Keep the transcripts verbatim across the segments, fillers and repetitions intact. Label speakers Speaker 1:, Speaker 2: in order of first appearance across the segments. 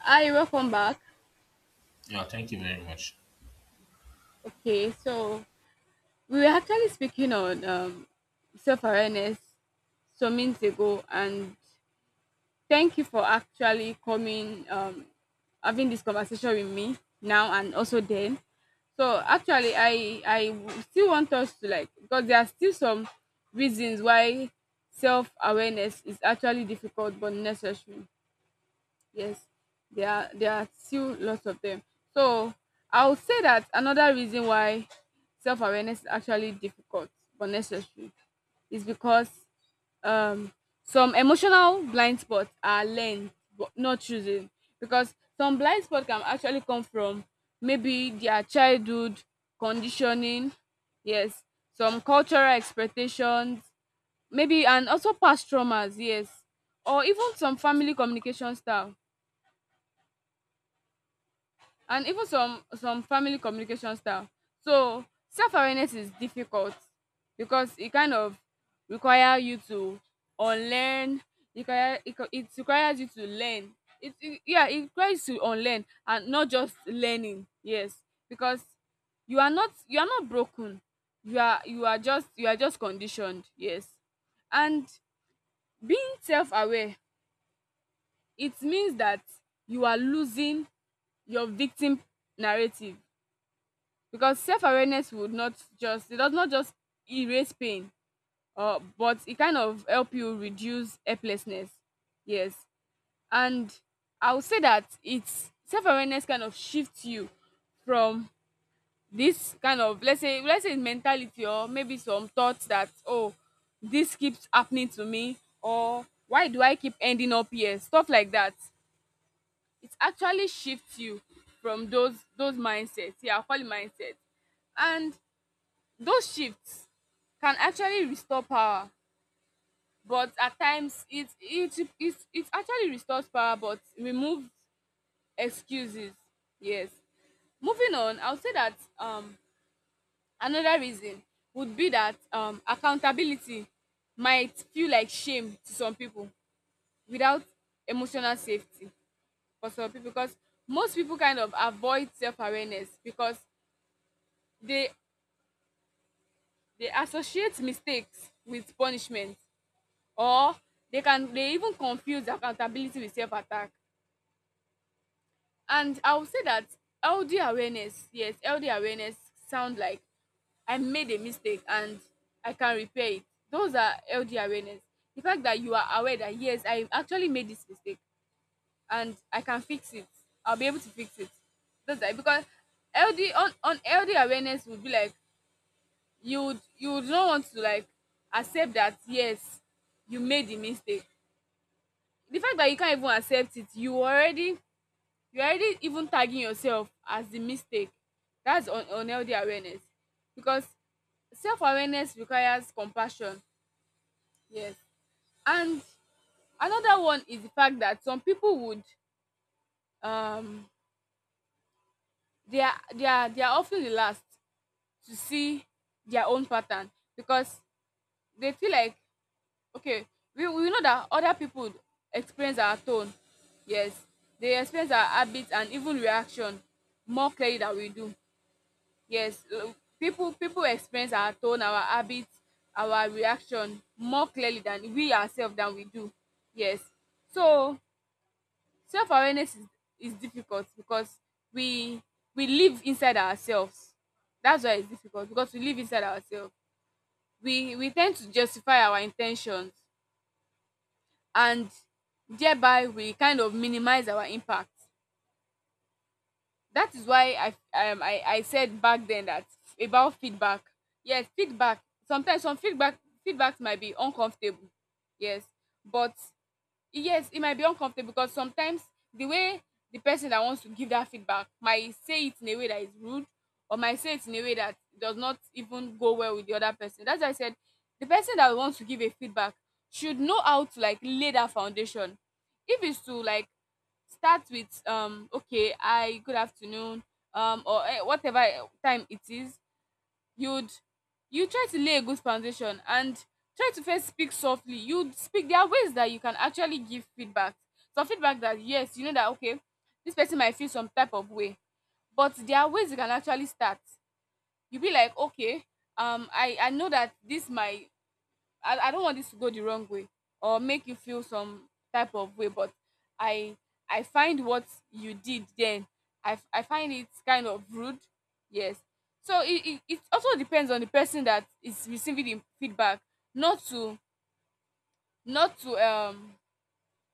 Speaker 1: Hi, welcome back.
Speaker 2: Yeah, thank you very much.
Speaker 1: Okay, so we were actually speaking on um, self awareness some minutes ago, and thank you for actually coming, um, having this conversation with me now and also then. So actually, I I w- still want us to like because there are still some reasons why self awareness is actually difficult but necessary. Yes, there are there are still lots of them. So I would say that another reason why self awareness is actually difficult but necessary is because um some emotional blind spots are learned but not chosen because some blind spots can actually come from maybe their childhood conditioning, yes, some cultural expectations maybe and also past traumas, yes, or even some family communication style and even some some family communication style. So self-awareness is difficult because it kind of require you to unlearn. It require it. co- it requires you to learn, it it yeah, it requires you to unlearn and not just learning, yes, because you are not you are not broken, you are you are just you are just conditioned, yes. And being self-aware, it means that you are losing your victim narrative because self-awareness would not just, it does not just erase pain, uh, but it kind of help you reduce helplessness, yes. And I would say that it's self-awareness kind of shifts you from this kind of, let's say let's say, mentality or maybe some thoughts that, oh, this keeps happening to me or why do I keep ending up here, stuff like that. It actually shifts you from those those mindsets, yeah, I call it mindset. And those shifts can actually restore power, but at times it it it it actually restores power but removes excuses. Yes. Moving on, I'll say that um another reason would be that um accountability might feel like shame to some people without emotional safety for some people because most people kind of avoid self-awareness because they they associate mistakes with punishment, or they can they even confuse accountability with self-attack. And I would say that ld awareness, yes, ld awareness sound like I made a mistake and I can repair it. Those are ld awareness, the fact that you are aware that, yes, I actually made this mistake and I can fix it, I'll be able to fix it. That's are because ld on, on ld awareness would be like you would, you would not want to like accept that, yes, you made the mistake. The fact that you can't even accept it, you already, you already even tagging yourself as the mistake, that's un unhealthy awareness because self awareness requires compassion, yes. And another one is the fact that some people would, um they are, they are they are of ten the last to see their own pattern because they feel like, okay, we we know that other people experience our tone, yes, they experience our habits and even reaction more clearly than we do. Yes, l- people people experience our tone, our habits, our reaction more clearly than we ourselves, than we do, yes. So self-awareness is, is difficult because we we live inside ourselves. That's why it's difficult, because we live inside ourselves, we we tend to justify our intentions and thereby we kind of minimize our impact. That is why I, um, I, I said back then that about feedback. Yes, feedback. Sometimes some feedback feedbacks might be uncomfortable. Yes. But yes, it might be uncomfortable because sometimes the way the person that wants to give that feedback might say it in a way that is rude or might say it in a way that does not even go well with the other person. That's why I said the person that wants to give a feedback should know how to like lay that foundation. If it's to like start with, um okay, I, good afternoon, um or eh, whatever eh, time it is, you'd you try to lay a good foundation and try to first speak softly. You would speak There are ways that you can actually give feedback, some feedback that, yes, you know that, okay, this person might feel some type of way, but there are ways you can actually start. You be like, okay, um i I know that this might, I, I don't want this to go the wrong way or make you feel some type of way, but i I find what you did then, i, f- I find it kind of rude, yes. So it, it, it also depends on the person that is receiving the feedback, not to, not to um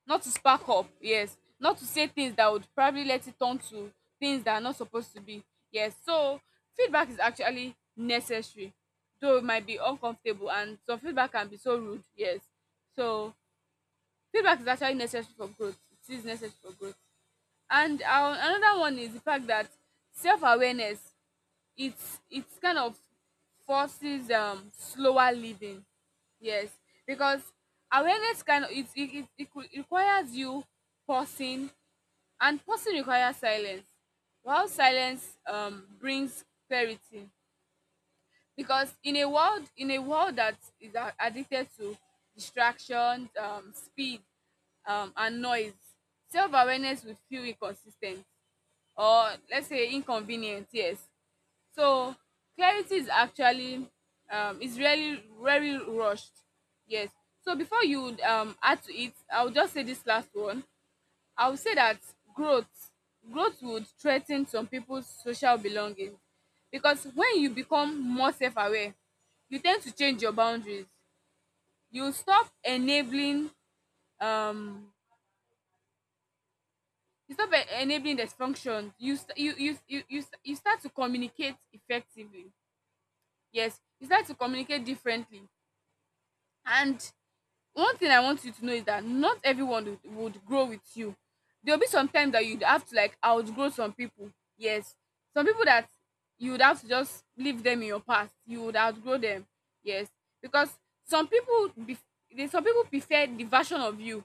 Speaker 1: not to spark up, yes, not to say things that would probably let it turn to things that are not supposed to be, yes. So feedback is actually necessary though it might be uncomfortable and some feedback can be so rude, yes. So feedback is actually necessary for growth, it is necessary for growth. And um another one is the fact that self-awareness, it's it's kind of forces um slower living, yes, because awareness kind of, it it, it, it could- requires you pausing, and pausing requires silence, while silence um brings clarity. Because in a world in a world that is a- addicted to distractions, um speed, um and noise, self-awareness will feel inconsistent or, let's say, inconvenient, yes. So clarity is actually, um is really very rushed. Yes. So before you um add to it, I'll just say this last one. I will say that growth growth would threaten some people's social belonging because when you become more self-aware, you tend to change your boundaries. You stop enabling, um you stop e- enabling dysfunction. You st- you you you you, st- You start to communicate effectively. Yes, you start to communicate differently. And one thing I want you to know is that not everyone would, would grow with you. There'll be some time that you'd have to like outgrow some people. Yes. Some people that you would have to just leave them in your past. You would outgrow them. Yes. Because some people be they- some people prefer the version of you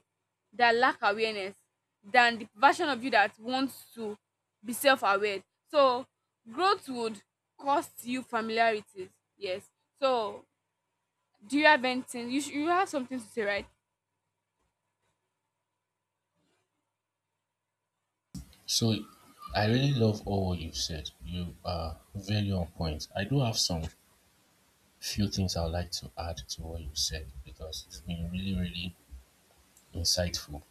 Speaker 1: that lack awareness than the version of you that wants to be self-aware. So growth would cost you familiarities. Yes. So do you have anything? You, sh- you have something to say, right?
Speaker 2: So I really love all what you've said. You are very on point. I do have some few things I would like to add to what you said because it's been really, really insightful.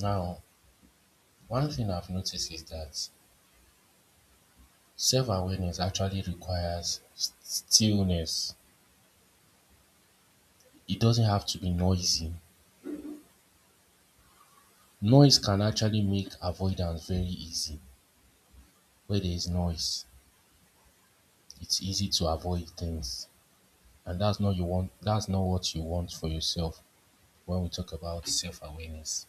Speaker 2: Now, one thing I've noticed is that self awareness actually requires s- stillness, it doesn't have to be noisy. Noise can actually make avoidance very easy. Where there is noise, it's easy to avoid things. And that's not you want that's not what you want for yourself when we talk about self awareness.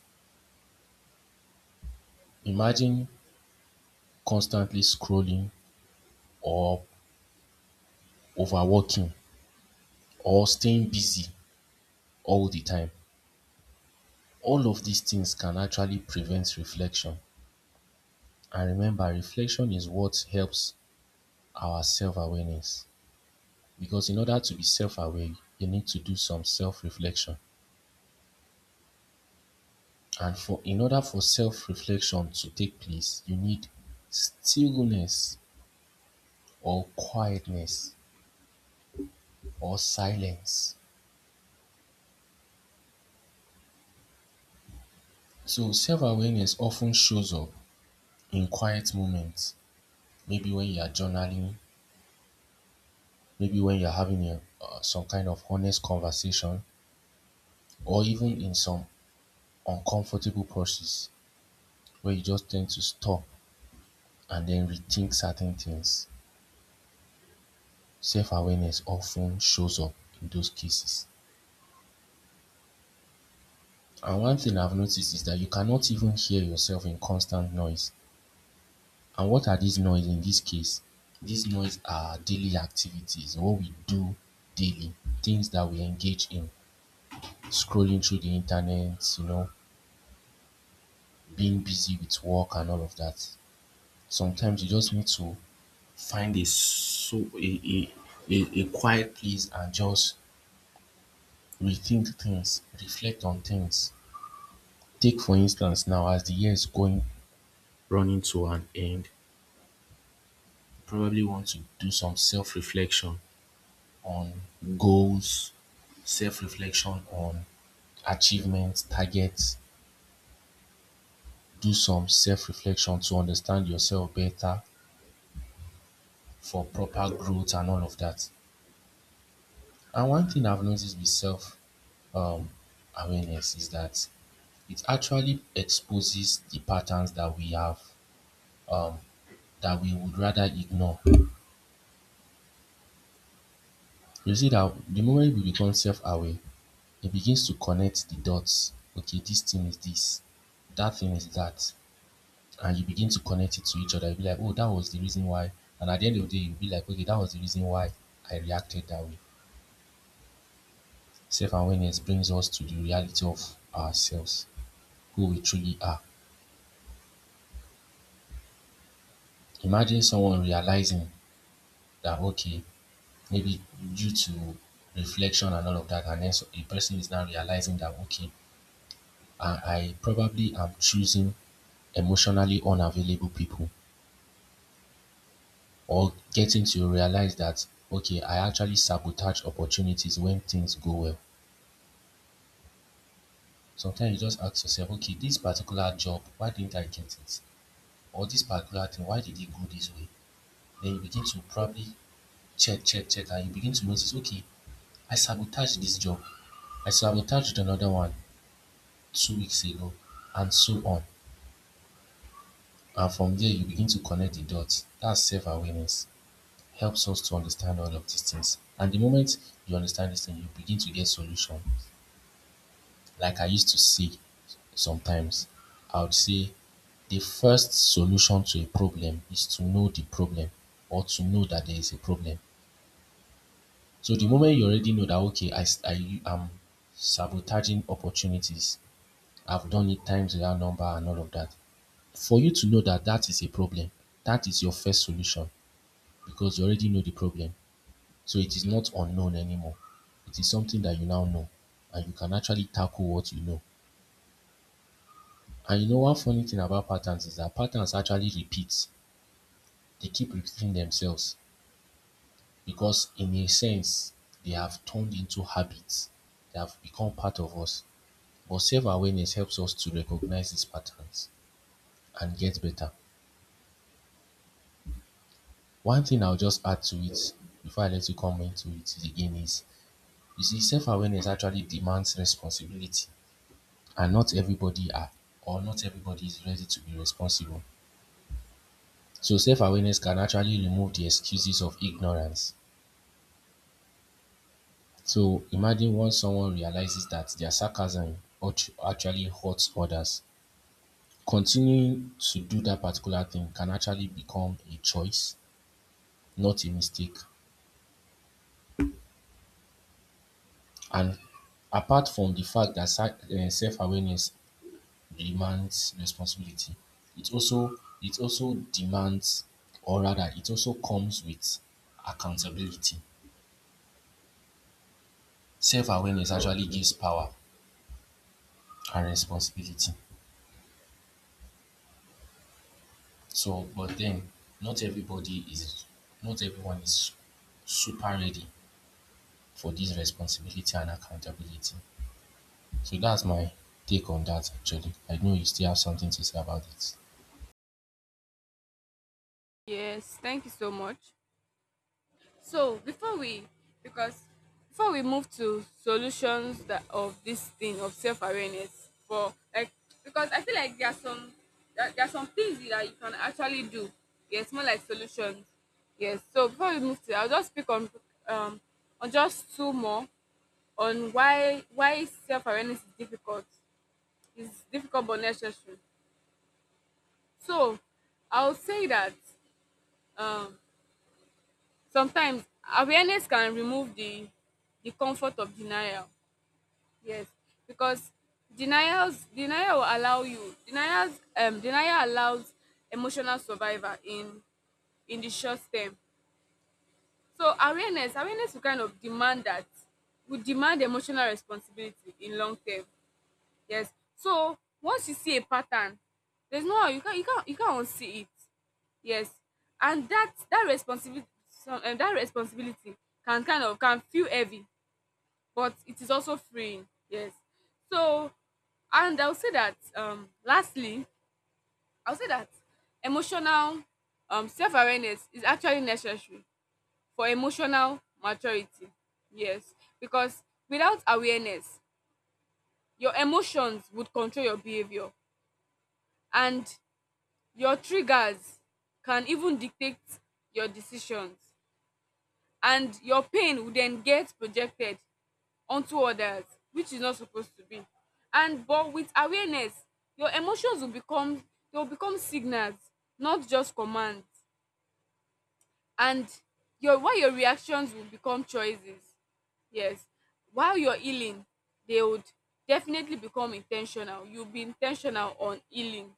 Speaker 2: Imagine constantly scrolling or overworking or staying busy all the time. All of these things can actually prevent reflection. And remember, reflection is what helps our self awareness. Because in order to be self aware, you need to do some self reflection. And for in order for self reflection to take place, you need stillness or quietness or silence. So self-awareness often shows up in quiet moments, maybe when you are journaling, maybe when you are having a, uh, some kind of honest conversation, or even in some uncomfortable process where you just tend to stop and then rethink certain things. Self-awareness often shows up in those cases. And one thing I've noticed is that you cannot even hear yourself in constant noise. And what are these noise in this case? These noise are daily activities, what we do daily, things that we engage in, scrolling through the internet, you know, being busy with work and all of that. Sometimes you just need to find a so a a, a, a quiet place and just rethink things, reflect on things. Take for instance now as the year is going running to an end, you probably want to do some self-reflection on goals, self reflection on achievements, targets. Do some self reflection to understand yourself better for proper growth and all of that. And one thing I've noticed with self um, awareness is that it actually exposes the patterns that we have um, that we would rather ignore. You see that the moment we become self-aware, it begins to connect the dots. Okay, this thing is this, that thing is that. And you begin to connect it to each other. You'll be like, oh, that was the reason why. And at the end of the day, you'll be like, okay, that was the reason why I reacted that way. Self awareness brings us to the reality of ourselves, who we truly are. Imagine someone realizing that, okay, maybe due to reflection and all of that, and then so- a person is now realizing that, okay, I, I probably am choosing emotionally unavailable people or getting to realize that, okay, I actually sabotage opportunities when things go well. Sometimes you just ask yourself, okay, this particular job, why didn't I get it? Or this particular thing, why did it go this way? Then you begin to probably check, check, check, and you begin to notice, okay, I sabotaged this job. I sabotaged another one two weeks ago, and so on. And from there, you begin to connect the dots. That's self awareness. Helps us to understand all of these things. And the moment you understand this thing, you begin to get solution. Like I used to say sometimes, I would say the first solution to a problem is to know the problem or to know that there is a problem. So the moment you already know that, okay, I, s- I am sabotaging opportunities, I've done it times without number and all of that. For you to know that that is a problem, that is your first solution because you already know the problem. So it is not unknown anymore. It is something that you now know and you can actually tackle what you know. And you know one funny thing about patterns is that patterns actually repeat. They keep repeating themselves because in a sense they have turned into habits. They have become part of us. But self-awareness helps us to recognize these patterns and get better. One thing I'll just add to it before I let you come into it again is you see self-awareness actually demands responsibility and not everybody are or not everybody is ready to be responsible. So self-awareness can actually remove the excuses of ignorance. So imagine once someone realizes that their sarcasm actu- actually hurts others, continuing to do that particular thing can actually become a choice, not a mistake. And apart from the fact that sa- eh, self-awareness demands responsibility, it also it also demands, or rather, it also comes with accountability. Self-awareness actually gives power and responsibility. So, but then not everybody is, not everyone is super ready for this responsibility and accountability. So that's my take on that actually. I know you still have something to say about it.
Speaker 1: Yes, thank you so much. So before we, because before we move to solutions that of this thing of self awareness for like, because I feel like there are some, there, there are some things that you can actually do. Yes, more like solutions. Yes. So before we move to, I'll just speak on um on just two more on why why self awareness is difficult. It's difficult but necessary. So I'll say that um sometimes awareness can remove the the comfort of denial, yes, because denials denial will allow you, denials um denial allows emotional survival in in the short term. So awareness awareness will kind of demand that, will demand emotional responsibility in long term, yes. So once you see a pattern, there's no how, you can't you can't you can't unsee it. Yes, and that, that responsibility, some um, that responsibility can kind of, can feel heavy, but it is also freeing. Yes. So, and I'll say that um lastly, I'll say that emotional um self-awareness is actually necessary for emotional maturity. Yes, because without awareness, your emotions would control your behavior, and your triggers can even dictate your decisions, and your pain will then get projected onto others, which is not supposed to be. And but with awareness your emotions will become, they will become signals, not just commands. And your, while your reactions will become choices, yes, while you're healing, they would definitely become intentional, you'll be intentional on healing.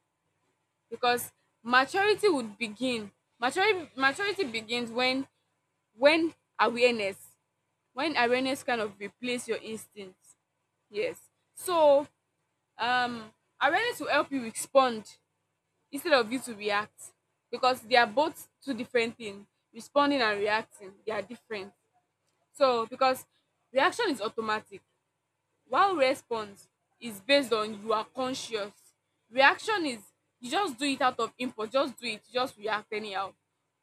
Speaker 1: Because maturity would begin maturity maturity begins when when awareness, when awareness kind of replace your instinct, yes. So um awareness will help you respond instead of you to react, because they are both two different things. Responding and reacting, they are different. So because reaction is automatic, while response is based on, you are conscious. Reaction is you just do it out of impulse, just do it, just react anyhow.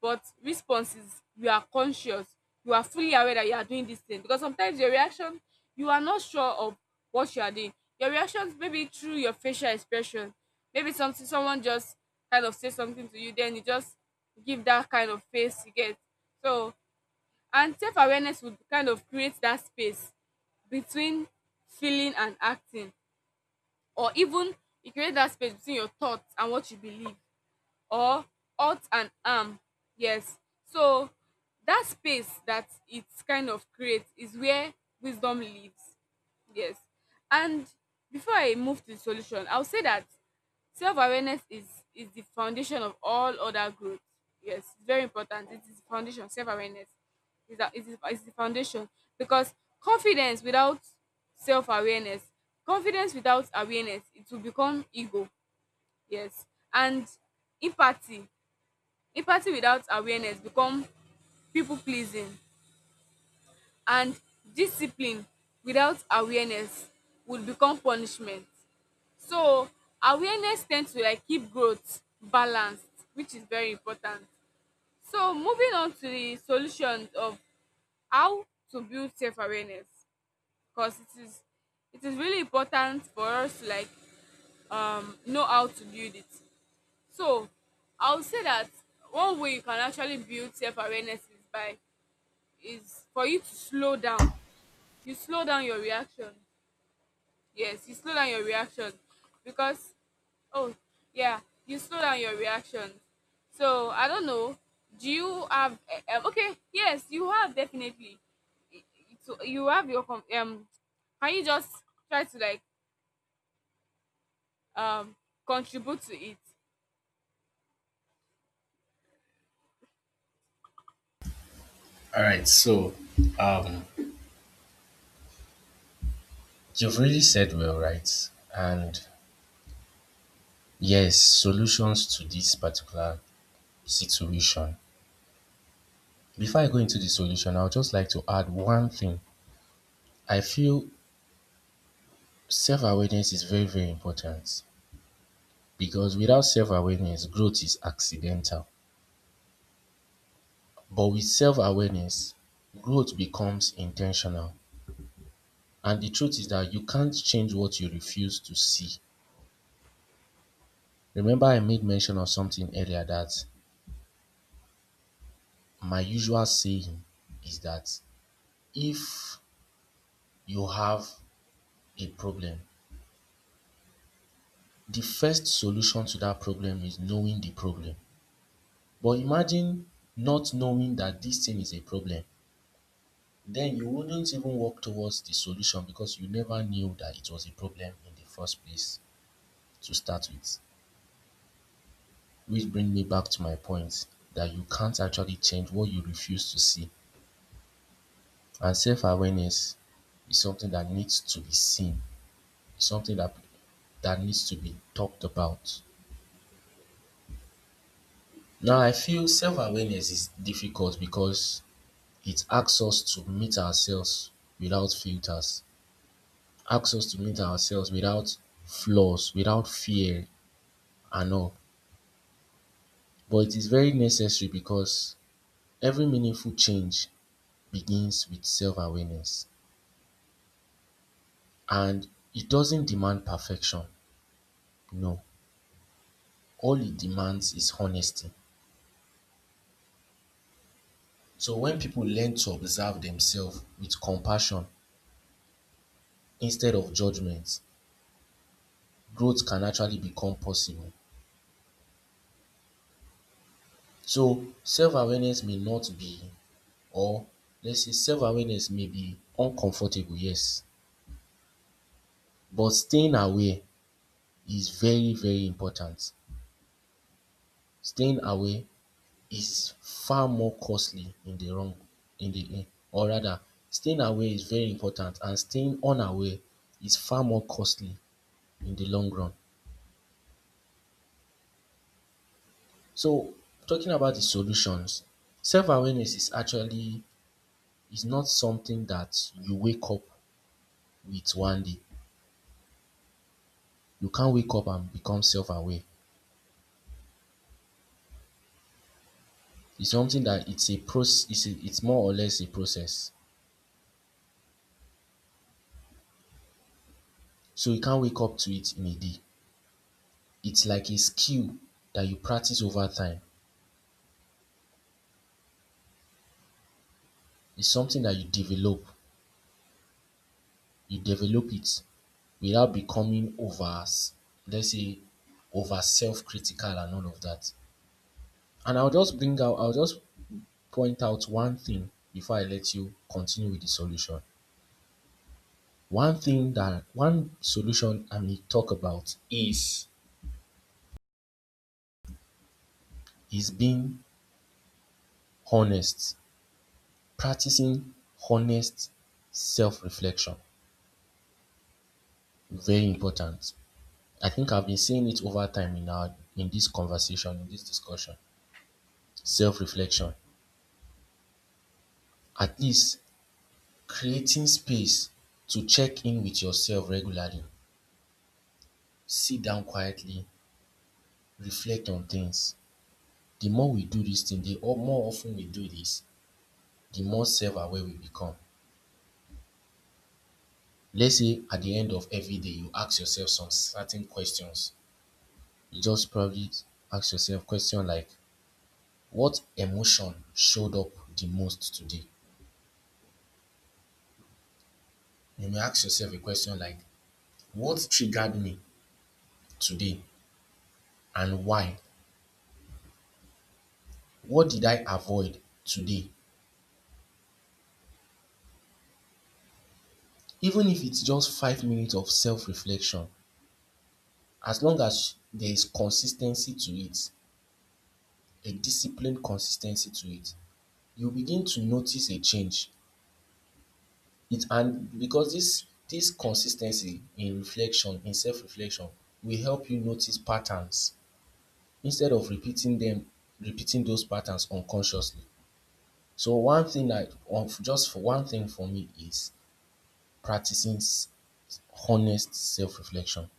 Speaker 1: But response is you are conscious, you are fully aware that you are doing this thing. Because sometimes your reaction, you are not sure of what you are doing. Your reactions, maybe through your facial expression, maybe something someone just kind of say something to you, then you just give that kind of face you get. So and self awareness would kind of create that space between feeling and acting, or even e create that space between your thoughts and what you believe, or ought and am. Yes. So that space that it kind of creates is where wisdom lives. Yes. And before I move to the solution, I'll say that self-awareness is is the foundation of all other growth. Yes, it's very important. It is the foundation. Self-awareness is that it is is the foundation because confidence without self-awareness, confidence without awareness, it will become ego. Yes, and empathy, empathy without awareness become people pleasing, and discipline without awareness would become punishment. So awareness tends to like keep growth balanced, which is very important. So moving on to the solutions of how to build self awareness because it is it is really important for us to like um know how to build it. So I would say that one way you can actually build self awareness is by is for you to slow down. You slow down your reaction. Yes, you slow down your reaction because oh yeah, you slow down your reaction. So I don't know. Do you have eh, eh, okay? Yes, you have definitely. I- i- So you have your com- um. Can you just try to like um contribute to it?
Speaker 2: All right, so um, you've really said well, right? And yes, solutions to this particular situation. Before I go into the solution, I would just like to add one thing. I feel self awareness is very, very important. Because without self-awareness, growth is accidental. But with self-awareness, growth becomes intentional. And the truth is that you can't change what you refuse to see. Remember, I made mention of something earlier that my usual saying is that if you have a problem, the first solution to that problem is knowing the problem. But imagine not knowing that this thing is a problem then you wouldn't even work towards the solution because you never knew that it was a problem in the first place to start with. Which brings me back to my point that you can't actually change what you refuse to see. And self awareness is something that needs to be seen, something that that needs to be talked about. Now I feel self awareness is difficult because it asks us to meet ourselves without filters, asks us to meet ourselves without flaws, without fear, and all. But it is very necessary because every meaningful change begins with self awareness and it doesn't demand perfection. No, all it demands is honesty. So when people learn to observe themselves with compassion instead of judgment, growth can actually become possible. So self awareness may not be, or let's say self awareness may be uncomfortable, yes, but staying aware is very, very important. Staying away is far more costly in the wrong in the, or rather, staying away is very important and staying unaware is far more costly in the long run. So talking about the solutions, self-awareness is actually is not something that you wake up with one day. You can't wake up and become self-aware. It's something that it's a proc it's a it's more or less a process. So you can't wake up to it in a day. It's like a skill that you practice over time. It's something that you develop. You develop it without becoming over, let's say, over self critical and all of that. And I'll just bring out, I'll just point out one thing before I let you continue with the solution. One thing that, one solution I may talk about is, is, being honest, practicing honest self reflection. Very important. I think I've been saying it over time in our, in this conversation, in this discussion. Self-reflection at least creating space to check in with yourself regularly. Sit down quietly, reflect on things. The more we do this thing, the o- more often we do this, the more self-aware we become. Let's say at the end of every day, you ask yourself some certain questions. You just probably ask yourself question like, what emotion showed up the most today? You may ask yourself a question like, what triggered me today and why? What did I avoid today? Even if it's just five minutes of self reflection, as long as there is consistency to it, a disciplined consistency to it, you begin to notice a change. It and because this this consistency in reflection, in self reflection, will help you notice patterns instead of repeating them, repeating those patterns unconsciously. So one thing I, just for one thing for me is practicing honest self reflection.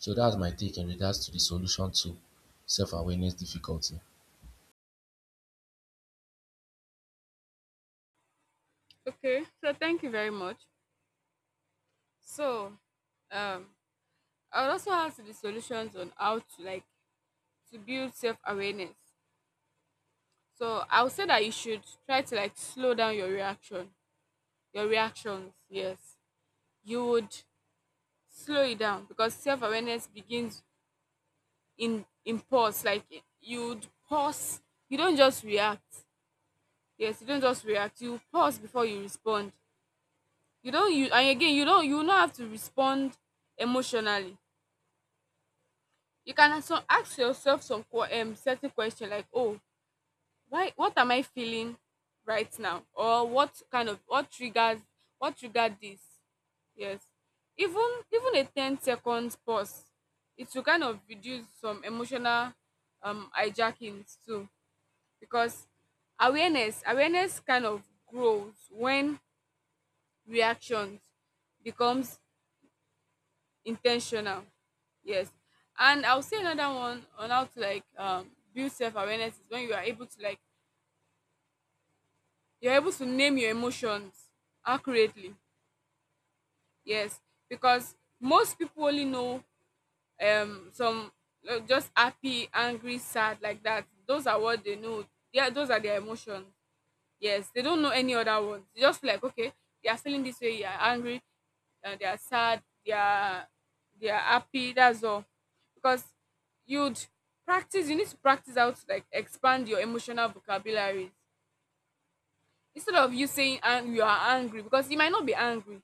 Speaker 2: So that's my take in regards to the solution to self awareness difficulty.
Speaker 1: Okay. So thank you very much. So um I would also have to the solutions on how to like to build self-awareness. So I'll say that you should try to like slow down your reaction, your reactions. Yes, you would slow it down because self-awareness begins in in pause. Like, you'd pause, you don't just react. Yes, you don't just react, you pause before you respond. You don't you and again, you don't, you will not have to respond emotionally. You can also ask yourself some que- um, certain question like, oh, why, what am I feeling right now? Or what kind of, what triggers, what triggered this? Yes. Even even a ten seconds pause, it will kind of reduce some emotional um hijackings too. Because awareness awareness kind of grows when reactions becomes intentional. Yes. And I'll say another one on how to like um build self awareness is when you are able to like you're able to name your emotions accurately. Yes. Because most people only know um some uh, just happy, angry, sad, like that, those are what they know. Yeah, those are their emotions. Yes, they don't know any other ones. They just feel like, okay, they are feeling this way, they are angry, uh, they are sad, they are, they are happy, that's all. Because you'd practice, you need to practice how to like expand your emotional vocabularies instead of you saying and you are angry because you might not be angry.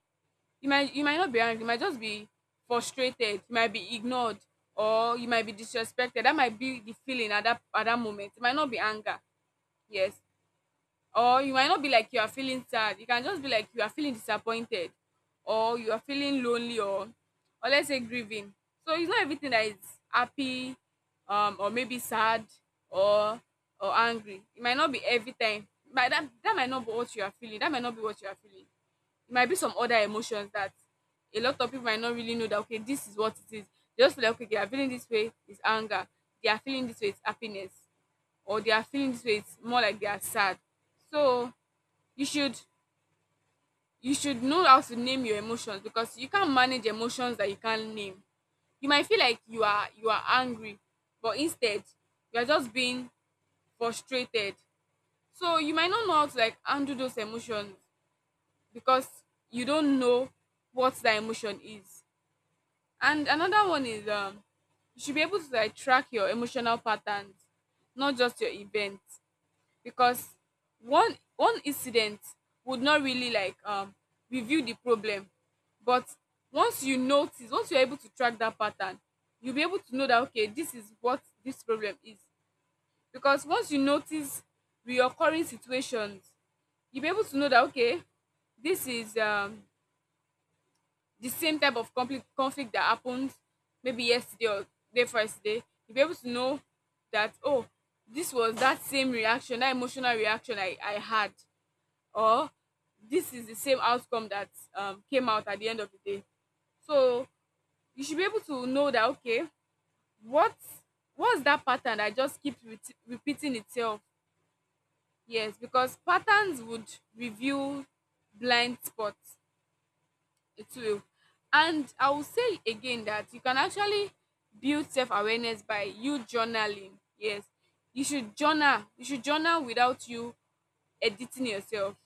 Speaker 1: You might you might not be angry, you might just be frustrated, you might be ignored, or you might be disrespected. That might be the feeling at that, at that moment. It might not be anger. Yes. Or you might not be like you are feeling sad, you can just be like you are feeling disappointed, or you are feeling lonely, or or let's say grieving. So it's not everything that is happy um or maybe sad or or angry. It might not be every time, but that, that might not be what you are feeling, that might not be what you are feeling. It might be some other emotions that a lot of people might not really know that, okay, this is what it is. They just feel like, okay, they are feeling this way is anger, they are feeling this way is happiness, or they are feeling this way it's more like they are sad. So you should you should know how to name your emotions because you can't manage emotions that you can't name. You might feel like you are you are angry, but instead you are just being frustrated. So you might not know how to like handle those emotions because you don't know what that emotion is. And another one is, um you should be able to like track your emotional patterns, not just your events. Because one one incident would not really like um reveal the problem. But once you notice, once you're able to track that pattern, you'll be able to know that, okay, this is what this problem is. Because once you notice reoccurring situations, you'll be able to know that, okay, this is um the same type of conflict conflict that happened maybe yesterday or day before yesterday. You'll be able to know that, oh, this was that same reaction, that emotional reaction i i had. Or this is the same outcome that um, came out at the end of the day. So you should be able to know that, okay, what, what's that pattern that just keeps re- repeating itself. Yes, because patterns would reveal blind spots. It will. And I will say again that you can actually build self-awareness by you journaling. Yes, you should journal. You should journal without you editing yourself.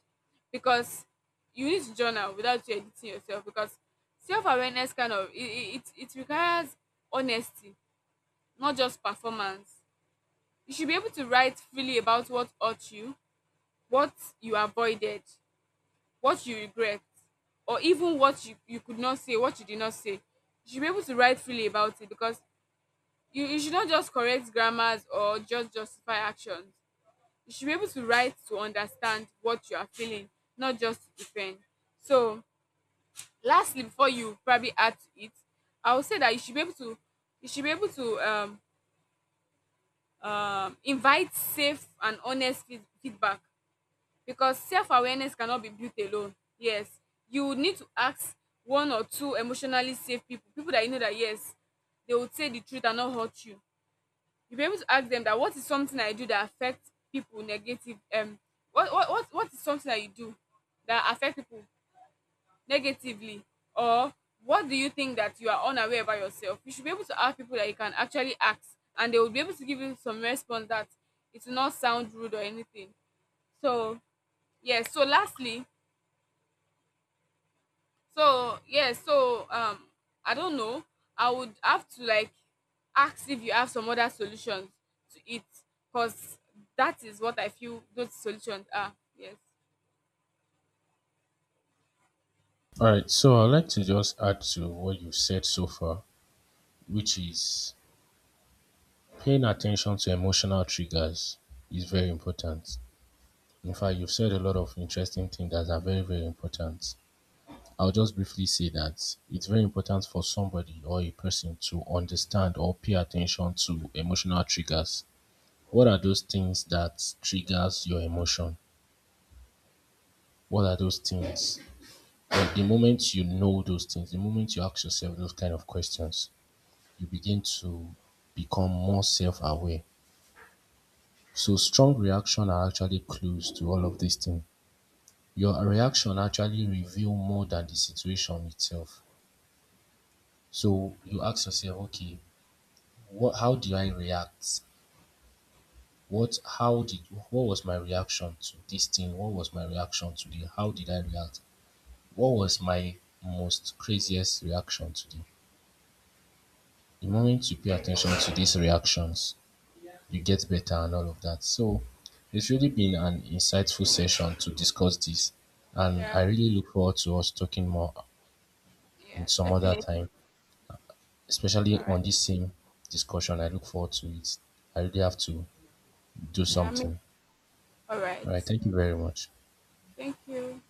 Speaker 1: Because you need to journal without you editing yourself because self-awareness kind of it, it, it requires honesty, not just performance. You should be able to write freely about what hurt you, what you avoided, what you regret, or even what you, you could not say what you did not say. You should be able to write freely about it because you, you should not just correct grammars or just justify actions. You should be able to write to understand what you are feeling, not just to defend. So, lastly, before you probably add to it, I would say that you should be able to you should be able to um, um, invite safe and honest feed- feedback because self awareness cannot be built alone. Yes, you would need to ask one or two emotionally safe people, people that you know that, yes, they will say the truth and not hurt you. You'll be able to ask them that, what is something I do that affects people negative um what what what, what is something that you do that affect people negatively, or what do you think that you are unaware about yourself? You should be able to ask people that you can actually ask and they will be able to give you some response that it will not sound rude or anything. So yes, so lastly, So yes, so um, I don't know. I would have to like ask if you have some other solutions to it, cause that is what I feel those solutions are. Yes.
Speaker 2: All right, so I'd like to just add to what you said so far, which is paying attention to emotional triggers is very important. In fact, you've said a lot of interesting things that are very, very important. I'll just briefly say that it's very important for somebody or a person to understand or pay attention to emotional triggers. What are those things that triggers your emotion? What are those things? But the moment you know those things, the moment you ask yourself those kind of questions, you begin to become more self aware. So, strong reaction are actually clues to all of these things. Your reaction actually reveal more than the situation itself. So, you ask yourself, okay, what, how did I react? What, how did, what was my reaction to this thing? What was my reaction today? How did I react? What was my most craziest reaction today? The moment you pay attention to these reactions, you get better and all of that. So it's really been an insightful session to discuss this, and
Speaker 1: Yeah.
Speaker 2: I really look forward to us talking more in
Speaker 1: Yeah,
Speaker 2: some other
Speaker 1: definitely.
Speaker 2: time,
Speaker 1: All
Speaker 2: especially on
Speaker 1: right.
Speaker 2: this same discussion. I look forward to it. I really have to do
Speaker 1: Yeah, I mean,
Speaker 2: something.
Speaker 1: all right.
Speaker 2: All right, thank you very much.
Speaker 1: Thank you.